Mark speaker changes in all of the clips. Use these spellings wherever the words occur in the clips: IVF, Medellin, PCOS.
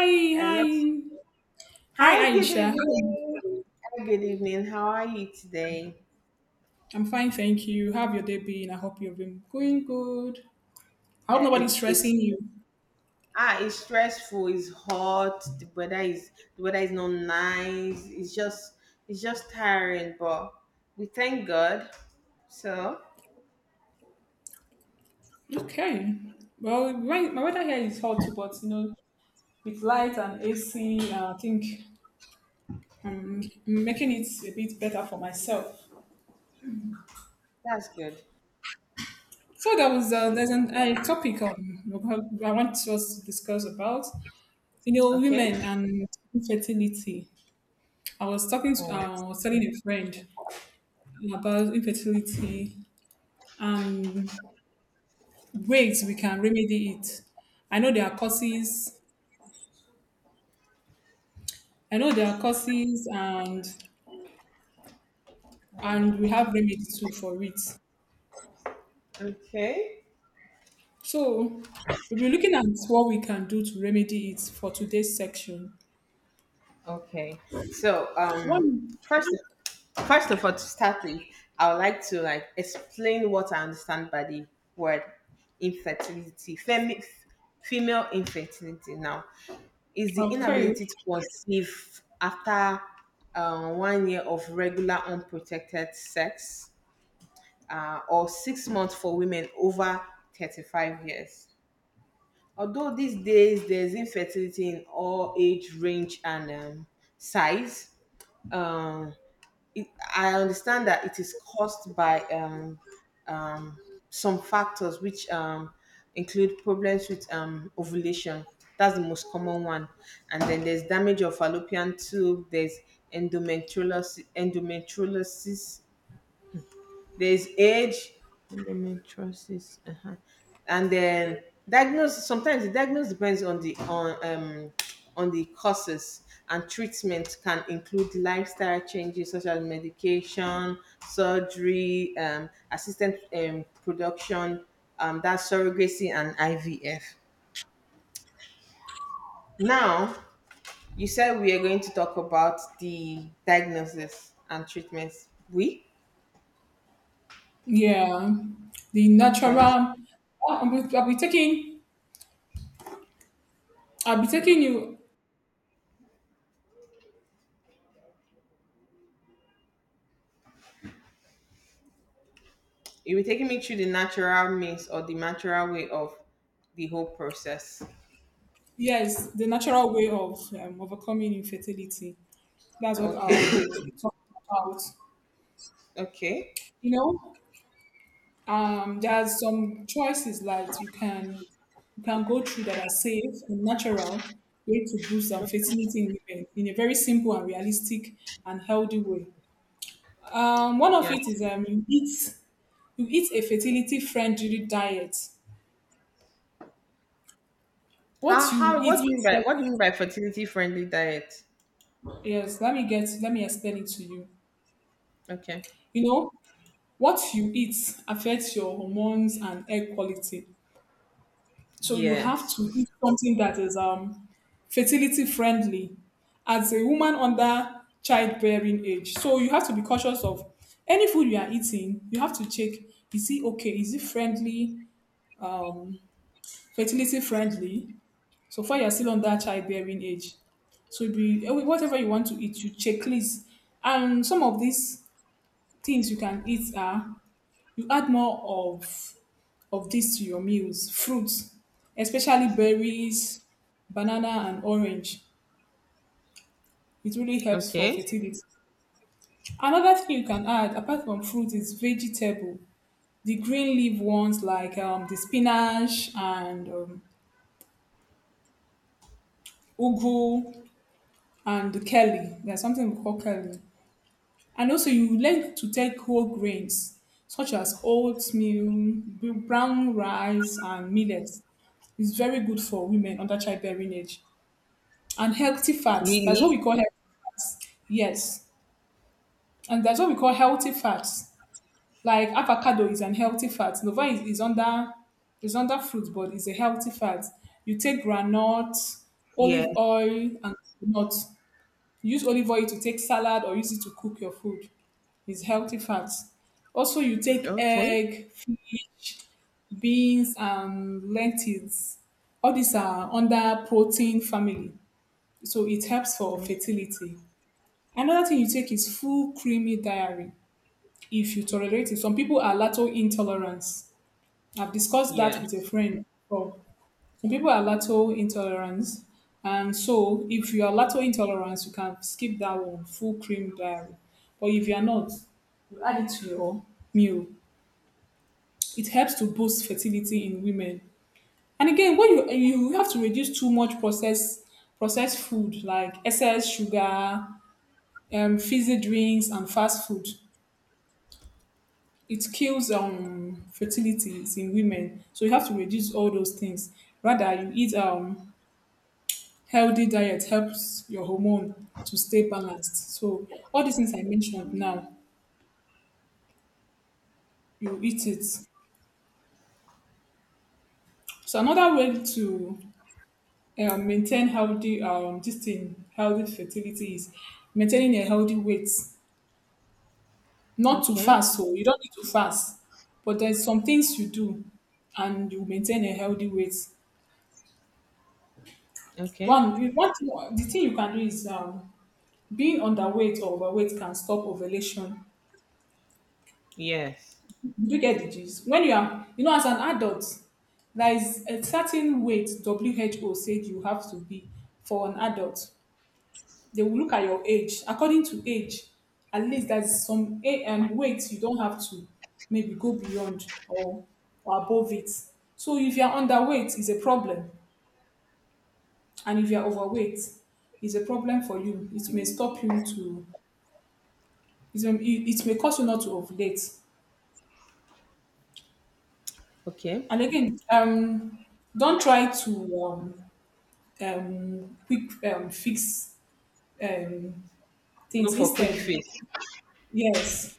Speaker 1: Hi,
Speaker 2: And
Speaker 1: hi.
Speaker 2: let's,
Speaker 1: Hi,
Speaker 2: hi, good
Speaker 1: Aisha. How are you
Speaker 2: evening.
Speaker 1: doing?
Speaker 2: Hi, good evening. How are you today?
Speaker 1: I'm fine, thank you. How have your day been? I hope you've been going good. I hope
Speaker 2: Uh,
Speaker 1: nobody's
Speaker 2: it's it's
Speaker 1: stressing you.
Speaker 2: it's stressful. It's hot. The weather is not nice. It's just tiring. But we thank God. So
Speaker 1: Okay, well, my weather here is hot, but you know, with light and AC, I think I'm making it a bit better for myself.
Speaker 2: that's good.
Speaker 1: So there's a topic I want us to discuss about, you know,
Speaker 2: Okay.
Speaker 1: women and infertility. I was talking to,
Speaker 2: Oh,
Speaker 1: I was telling a friend about infertility and ways we can remedy it. I know there are causes. I know there are causes, and we have remedy too for it.
Speaker 2: okay.
Speaker 1: So we'll be looking at what we can do to remedy it for today's section.
Speaker 2: Okay. So,
Speaker 1: One,
Speaker 2: first, first of all, to start with, I would like to like explain what I understand by the word infertility. Female infertility now is the
Speaker 1: okay,
Speaker 2: inability to conceive after 1 year of regular unprotected sex, or 6 months for women over 35 years. Although these days there's infertility in all age range and size, um, it, I understand that it is caused by some factors, which include problems with ovulation. That's the most common one. And then there's damage of fallopian tube. There's endometriosis, there's age, endometriosis. Uh-huh. And then diagnosis. Sometimes the diagnosis depends on the on the causes, and treatment can include lifestyle changes such as medication, surgery, assisted production, that's surrogacy and IVF. Now, you said we are going to talk about the diagnosis and treatments. We
Speaker 1: yeah, the natural.
Speaker 2: okay.
Speaker 1: I'll be taking. I'll be taking you.
Speaker 2: It will taking me through the natural means or the natural way of the whole process.
Speaker 1: Yes, the natural way of overcoming infertility. That's what
Speaker 2: Okay.
Speaker 1: I'll be talking about.
Speaker 2: Okay.
Speaker 1: You know, there's some choices like you can go through that are safe and natural way to boost fertility in women in a very simple and realistic and healthy way. One of it
Speaker 2: Yes.
Speaker 1: is you eat a fertility friendly diet. What you
Speaker 2: How
Speaker 1: eat
Speaker 2: what do you mean by
Speaker 1: affects —
Speaker 2: what do you mean by fertility friendly diet?
Speaker 1: yes, let me explain it to you.
Speaker 2: Okay.
Speaker 1: You know, what you eat affects your hormones and egg quality. So you have to
Speaker 2: Yes.
Speaker 1: eat something that is fertility friendly as a woman under childbearing age. So you have to be cautious of any food you are eating. You have to check, is it okay? Is it friendly? Um, Fertility friendly? So far, you're still under childbearing age. So it'd be eh, whatever you want to eat, you checklist. And some of these things you can eat are, you add more of this to your meals: fruits, especially berries, banana, and orange. It really helps for
Speaker 2: Okay.
Speaker 1: fertility. Another thing you can add, apart from fruit, is vegetable. The green leaf ones like the spinach and ugu and the kale. There's something we call kale. And also, you learn to take whole grains such as oatmeal, brown rice, and millet. It's very good for women under childbearing age. And healthy fats. That's what we
Speaker 2: Really?
Speaker 1: call healthy fats. Yes. And that's what we call healthy fats. Like avocado is an healthy fat. Nova is under, is under fruit, but it's a healthy fat. You take granite,
Speaker 2: Yeah.
Speaker 1: olive oil, and nuts. Use olive oil to take salad or use it to cook your food. It's healthy fats. Also, you take
Speaker 2: Okay.
Speaker 1: egg, fish, beans, and lentils. All these are under protein family, so it helps for fertility. Another thing you take is full creamy diary if you tolerate it. Some people are lactose intolerant. I've discussed that with a
Speaker 2: Yes.
Speaker 1: friend before. Some people are lactose intolerant. And so if you are lactose intolerant, you can skip that one, full cream diary. But if you are not, you add it to your meal. It helps to boost fertility in women. And again, when you have to reduce too much processed food like excess sugar, fizzy drinks, and fast food. It kills fertilities in women, so you have to reduce all those things. Rather, you eat healthy diet, helps your hormone to stay balanced. So all these things I mentioned now, you eat it. So another way to maintain healthy, um, this thing, healthy fertility is maintaining a healthy weight. Not too
Speaker 2: Okay.
Speaker 1: fast, so you don't need to fast, but there's some things you do and you maintain a healthy weight.
Speaker 2: Okay.
Speaker 1: One you- one thing- the thing you can do is, um, being underweight or overweight can stop ovulation.
Speaker 2: Yes.
Speaker 1: Do you get the gist? When you are, you know, as an adult, there is a certain weight WHO said you have to be for an adult. They will look at your age. According to age, at least there's some weight you don't have to maybe go beyond, or above it. So if you're underweight, it's a problem. And if you're overweight, it's a problem for you. It may stop you to, it may cause you not to ovulate.
Speaker 2: Okay.
Speaker 1: And again, don't try to quick, fix, um,
Speaker 2: Go
Speaker 1: things.
Speaker 2: for quick
Speaker 1: Instead —
Speaker 2: fix.
Speaker 1: yes,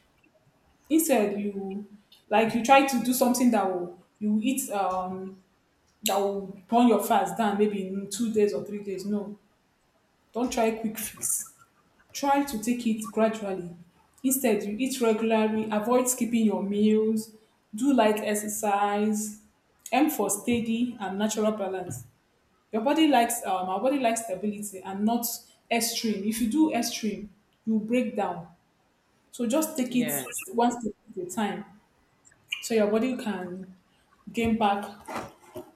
Speaker 1: instead you, like, you try to do something that will, you eat, that will burn your fast down maybe in 2 days or 3 days. No, don't try quick fix. Try to take it gradually. Instead, you eat regularly. Avoid skipping your meals. Do light exercise. Aim for steady and natural balance. Your body likes, our body likes stability and not extreme. If you do extreme, you break down. So just take it
Speaker 2: Yeah.
Speaker 1: one step at a time, so your body can gain back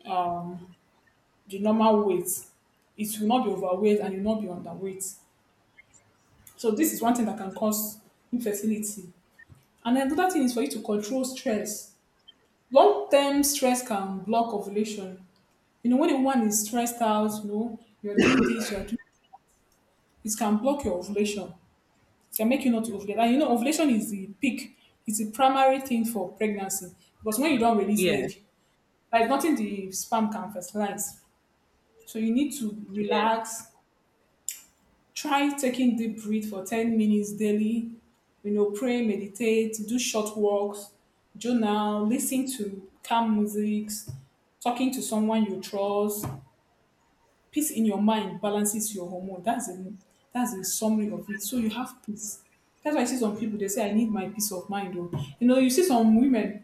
Speaker 1: um, the normal weight. It will not be overweight and you will not be underweight. So this is one thing that can cause infertility. And then another thing is for you to control stress. Long-term stress can block ovulation. You know, when a woman is stressed out, you know, you're doing this, you're doing, it can block your ovulation, can make you not to ovulate. And you know, ovulation is the peak, it's the primary thing for pregnancy. Because when you don't release
Speaker 2: Yeah.
Speaker 1: egg, like nothing the sperm can fertilize. So you need to
Speaker 2: Yeah.
Speaker 1: relax, try taking deep breath for 10 minutes daily, you know, pray, meditate, do short walks, journal, listen to calm music, talking to someone you trust. Peace in your mind balances your hormone. That's the, that's the summary of it. So you have peace. That's why I see some people they say I need my peace of mind. Oh, you know, you see some women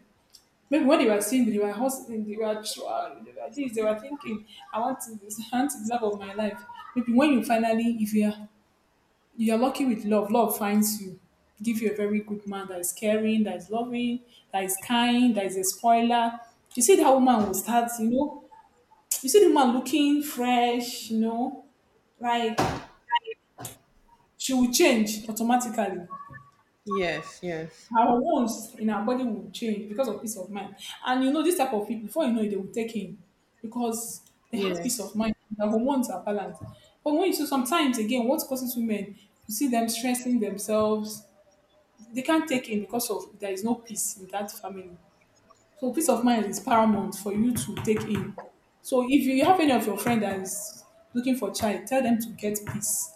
Speaker 1: maybe when they were single, they were hustling, they were trying, they were this, they were thinking, I want to this, I want the love of my life. Maybe when you finally, if you are lucky with love, love finds you. Give you a very good man that is caring, that is loving, that is kind, that is a spoiler. You see that woman will start, you know, you see the woman looking fresh, you know, like she will change automatically.
Speaker 2: Yes. Yes.
Speaker 1: Her wounds in her body will change because of peace of mind. And you know, this type of people, before you know it, they will take him because they have peace of
Speaker 2: Yes.
Speaker 1: mind. Their hormones are balanced. But when you see sometimes again, what causes women, you see them stressing themselves. They can't take in because of there is no peace in that family. So peace of mind is paramount for you to take in. So if you have any of your friend that is looking for child, tell them to get peace.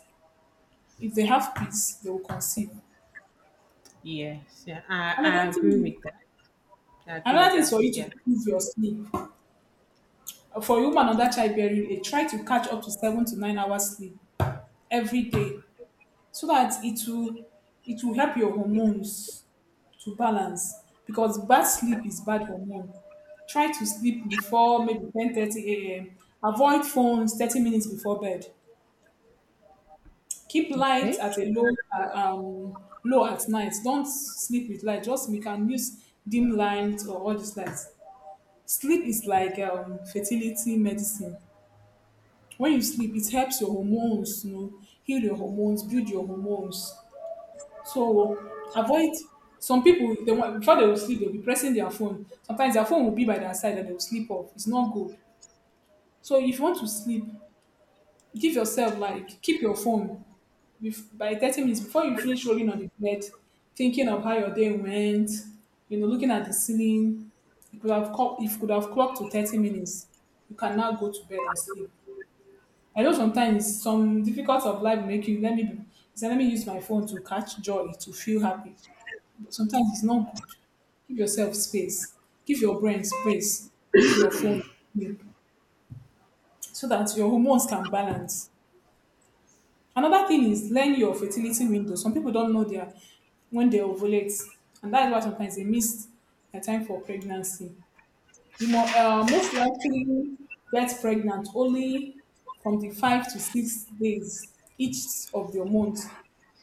Speaker 1: If they have peace, they will conceive.
Speaker 2: Yes. Yeah. I,
Speaker 1: Another
Speaker 2: I agree
Speaker 1: thing,
Speaker 2: with that. I agree
Speaker 1: another
Speaker 2: with
Speaker 1: thing is for
Speaker 2: that.
Speaker 1: you
Speaker 2: Yeah.
Speaker 1: to improve your sleep. For a woman under childbearing age, try to catch up to 7 to 9 hours sleep every day, so that it will, it will help your hormones to balance. Because bad sleep is bad hormone. Try to sleep before maybe 10:30 a.m. Avoid phones 30 minutes before bed. Keep light
Speaker 2: Okay.
Speaker 1: at a low, low at night. Don't sleep with light. Just you can use dim light or all these lights. Sleep is like, fertility medicine. When you sleep, it helps your hormones, you know, heal your hormones, build your hormones. So avoid, some people they want, before they will sleep, they'll be pressing their phone. Sometimes their phone will be by their side and they will sleep off. It's not good. So if you want to sleep, give yourself like, keep your phone by 30 minutes before you finish rolling on the bed, thinking of how your day went, you know, looking at the ceiling. You could have clocked, if you could have clocked to 30 minutes, you can now go to bed and sleep. I know sometimes some difficult of life make you let me be, say let me use my phone to catch joy, to feel happy. But sometimes it's not good. Give yourself space. Give your brain space. Leave your phone. Sleep. So that your hormones can balance. Another thing is, learn your fertility window. Some people don't know their, when they ovulate, and that is why sometimes they miss their time for pregnancy. You most likely get pregnant only from the 5 to 6 days each of your month.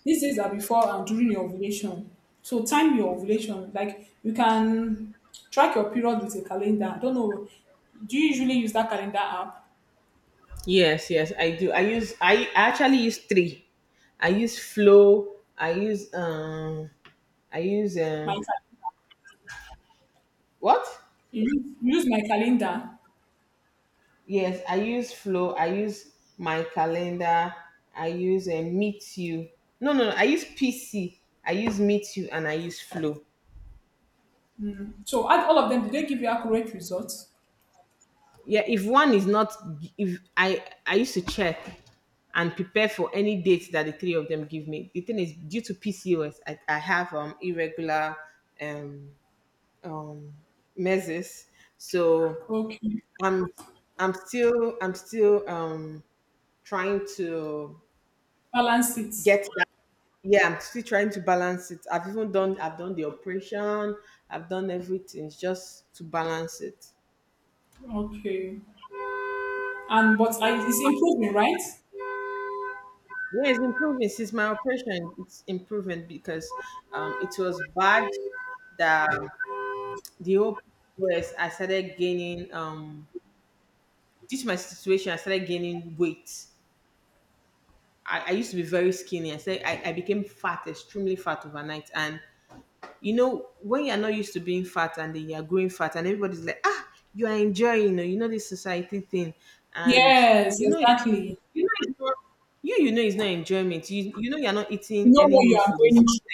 Speaker 1: These days are before and during your ovulation. So time your ovulation, like you can track your period with a calendar. I don't know, do you usually use that calendar app?
Speaker 2: Yes, yes, I do. I use, I actually use three. I use flow. I use I use
Speaker 1: My
Speaker 2: um
Speaker 1: cal-,
Speaker 2: what?
Speaker 1: you use, you use my calendar.
Speaker 2: Yes, I use flow. I use my calendar. I use meet you. No, no, no. I use PC. I use meet you and I use flow.
Speaker 1: So add all of them, did they give you accurate results?
Speaker 2: Yeah, if one is not, if I used to check and prepare for any dates that the three of them give me. The thing is, due to PCOS, I have irregular um um measures, so
Speaker 1: Okay.
Speaker 2: i'm I'm still trying to
Speaker 1: Balance it.
Speaker 2: get that, yeah. I'm still trying to balance it. I've done the operation. I've done everything. It's just to balance it.
Speaker 1: Okay. And but I, it's improving, right?
Speaker 2: Yeah, it's improving since my operation. It's improving because it was bad. That the whole was, I started gaining, due to my situation, I started gaining weight. I used to be very skinny. I said I became fat, extremely fat overnight. And you know, when you're not used to being fat and then you're growing fat and everybody's like, "Ah, you are enjoying." You know, you know this society thing. And
Speaker 1: Yes,
Speaker 2: you know
Speaker 1: exactly.
Speaker 2: you know it's not, you know it's not enjoyment. You know you're not
Speaker 1: You
Speaker 2: eating
Speaker 1: know
Speaker 2: any
Speaker 1: what you
Speaker 2: new
Speaker 1: are
Speaker 2: food. Is
Speaker 1: going
Speaker 2: it?
Speaker 1: through.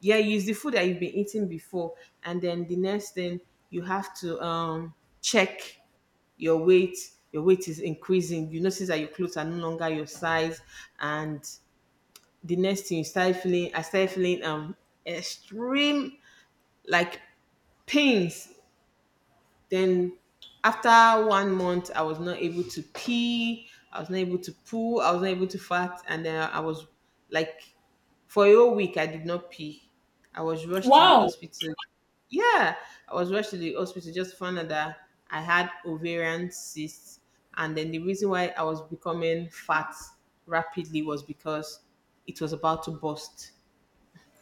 Speaker 2: Yeah, use the food that you've been eating before. And then the next thing you have to check your weight. Your weight is increasing. You notice that your clothes are no longer your size, and the next thing you started feeling I started feeling extreme like pains. Then after 1 month I was not able to pee, I was not able to poo, I was not able to fart, and then I was like, for a whole week I did not pee. I was rushed to the
Speaker 1: Wow.
Speaker 2: hospital. Yeah, I was rushed to the hospital, just found out that I had ovarian cysts. And then the reason why I was becoming fat rapidly was because it was about to bust.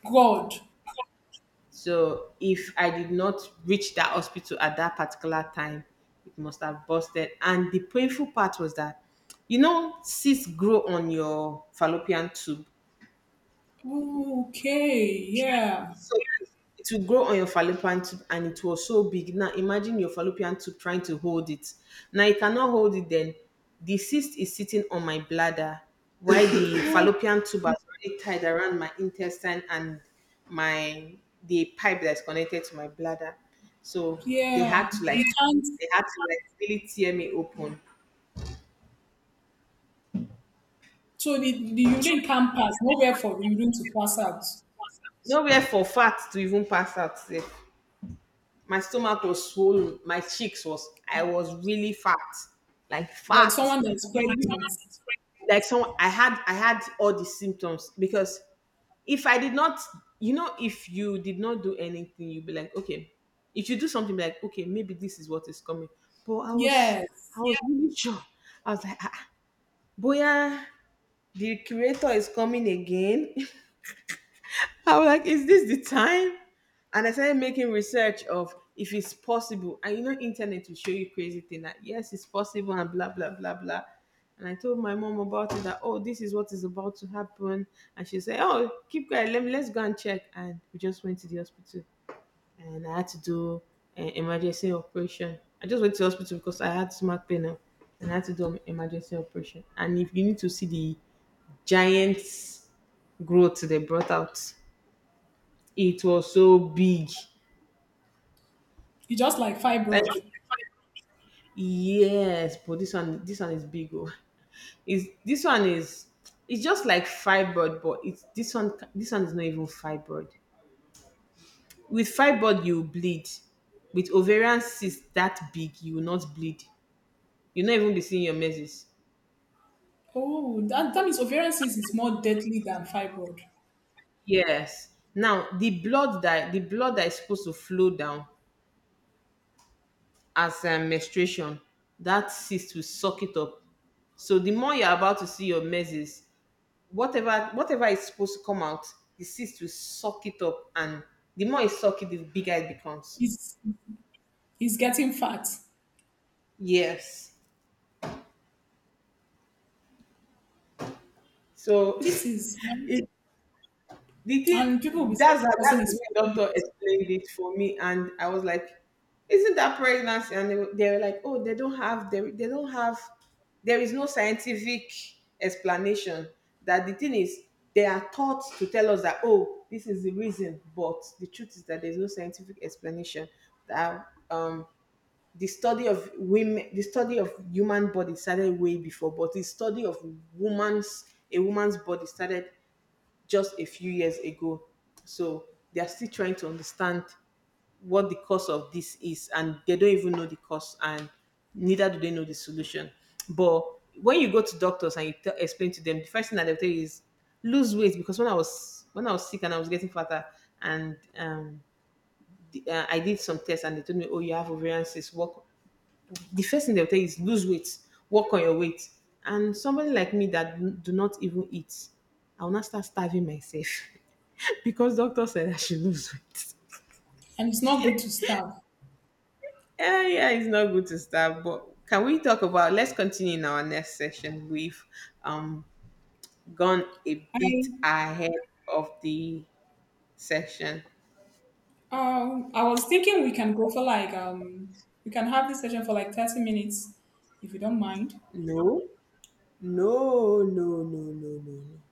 Speaker 1: God.
Speaker 2: So if I did not reach that hospital at that particular time, it must have busted. And the painful part was that, you know, cysts grow on your fallopian tube.
Speaker 1: Okay. Yeah.
Speaker 2: So yes, it will grow on your fallopian tube and it was so big. Now imagine your fallopian tube trying to hold it. Now you cannot hold it then. The cyst is sitting on my bladder while the
Speaker 1: Oh,
Speaker 2: fallopian tube has already tied around my intestine and my the pipe that's connected to my bladder. So they
Speaker 1: yeah.
Speaker 2: had to like
Speaker 1: You can't.
Speaker 2: they had to like really tear me open.
Speaker 1: So the urine can't pass. Nowhere for urine to pass out.
Speaker 2: Nowhere for fat to even pass out there. My stomach was swollen. My cheeks was I was really fat, like
Speaker 1: Like
Speaker 2: fat.
Speaker 1: someone that's
Speaker 2: You
Speaker 1: pregnant.
Speaker 2: like someone I had all the symptoms because if I did not, you know, if you did not do anything, you'd be like, "Okay." If you do something, be like, "Okay, maybe this is what is coming." But I
Speaker 1: Yes.
Speaker 2: was really sure. I was like, "Ah, ah, boya, the creator is coming again." I was like, "Is this the time?" And I started making research of if it's possible. And you know, internet will show you crazy thing, that yes, it's possible and blah blah blah blah. And I told my mom about it, that oh, this is what is about to happen. And she said, "Oh, keep quiet, let's go and check." And we just went to the hospital and I had to do an emergency operation. I just went to the hospital because I had stomach pain now, and I had to do an emergency operation. And if you need to see the giant growth they brought out, it was so big.
Speaker 1: It's just like
Speaker 2: Like,
Speaker 1: fibroid.
Speaker 2: yes, but this one is big. Oh. Is this one is it's just like fibroid, but it's this one. This one is not even fibroid. With fibroid, you bleed. With ovarian cyst that big, you will not bleed. You'll not even be seeing your menses.
Speaker 1: Oh, that, that means ovarian cyst is more deadly than fibroid.
Speaker 2: Yes. Now the blood that is supposed to flow down as menstruation, that cyst will suck it up. So the more you're about to see your menses, whatever is supposed to come out, the cyst will suck it up, and the more it suck it, the bigger it becomes.
Speaker 1: He's he's getting fat.
Speaker 2: Yes. So
Speaker 1: This is,
Speaker 2: it, the thing,
Speaker 1: and people will be saying this person
Speaker 2: that's the
Speaker 1: is
Speaker 2: way
Speaker 1: pregnant,
Speaker 2: doctor explained it for me, and I was like, "Isn't that pregnancy?" And they were like, "Oh, they don't have, there is no scientific explanation that the thing is they are taught to tell us that oh this is the reason, but the truth is that there's no scientific explanation that the study of human body started way before, but the study of woman's a woman's body started just a few years ago. So they are still trying to understand what the cause of this is, and they don't even know the cause, and neither do they know the solution." But when you go to doctors and you tell, explain to them, the first thing that they'll tell you is lose weight. Because when I was sick and I was getting fatter, and I did some tests and they told me, "Oh you have ovarian cysts," work, the first thing they'll tell you is lose weight, work on your weight. And somebody like me that do not even eat, I'll not start starving myself because doctor said I should lose weight.
Speaker 1: and it's not good to starve.
Speaker 2: Yeah, yeah, it's not good to starve. But can we talk about? Let's continue in our next session. We've um gone a
Speaker 1: I
Speaker 2: bit ahead of the session.
Speaker 1: I was thinking we can go for like we can have this session for like 30 minutes if you don't mind.
Speaker 2: No, no, no, no, no, no, no.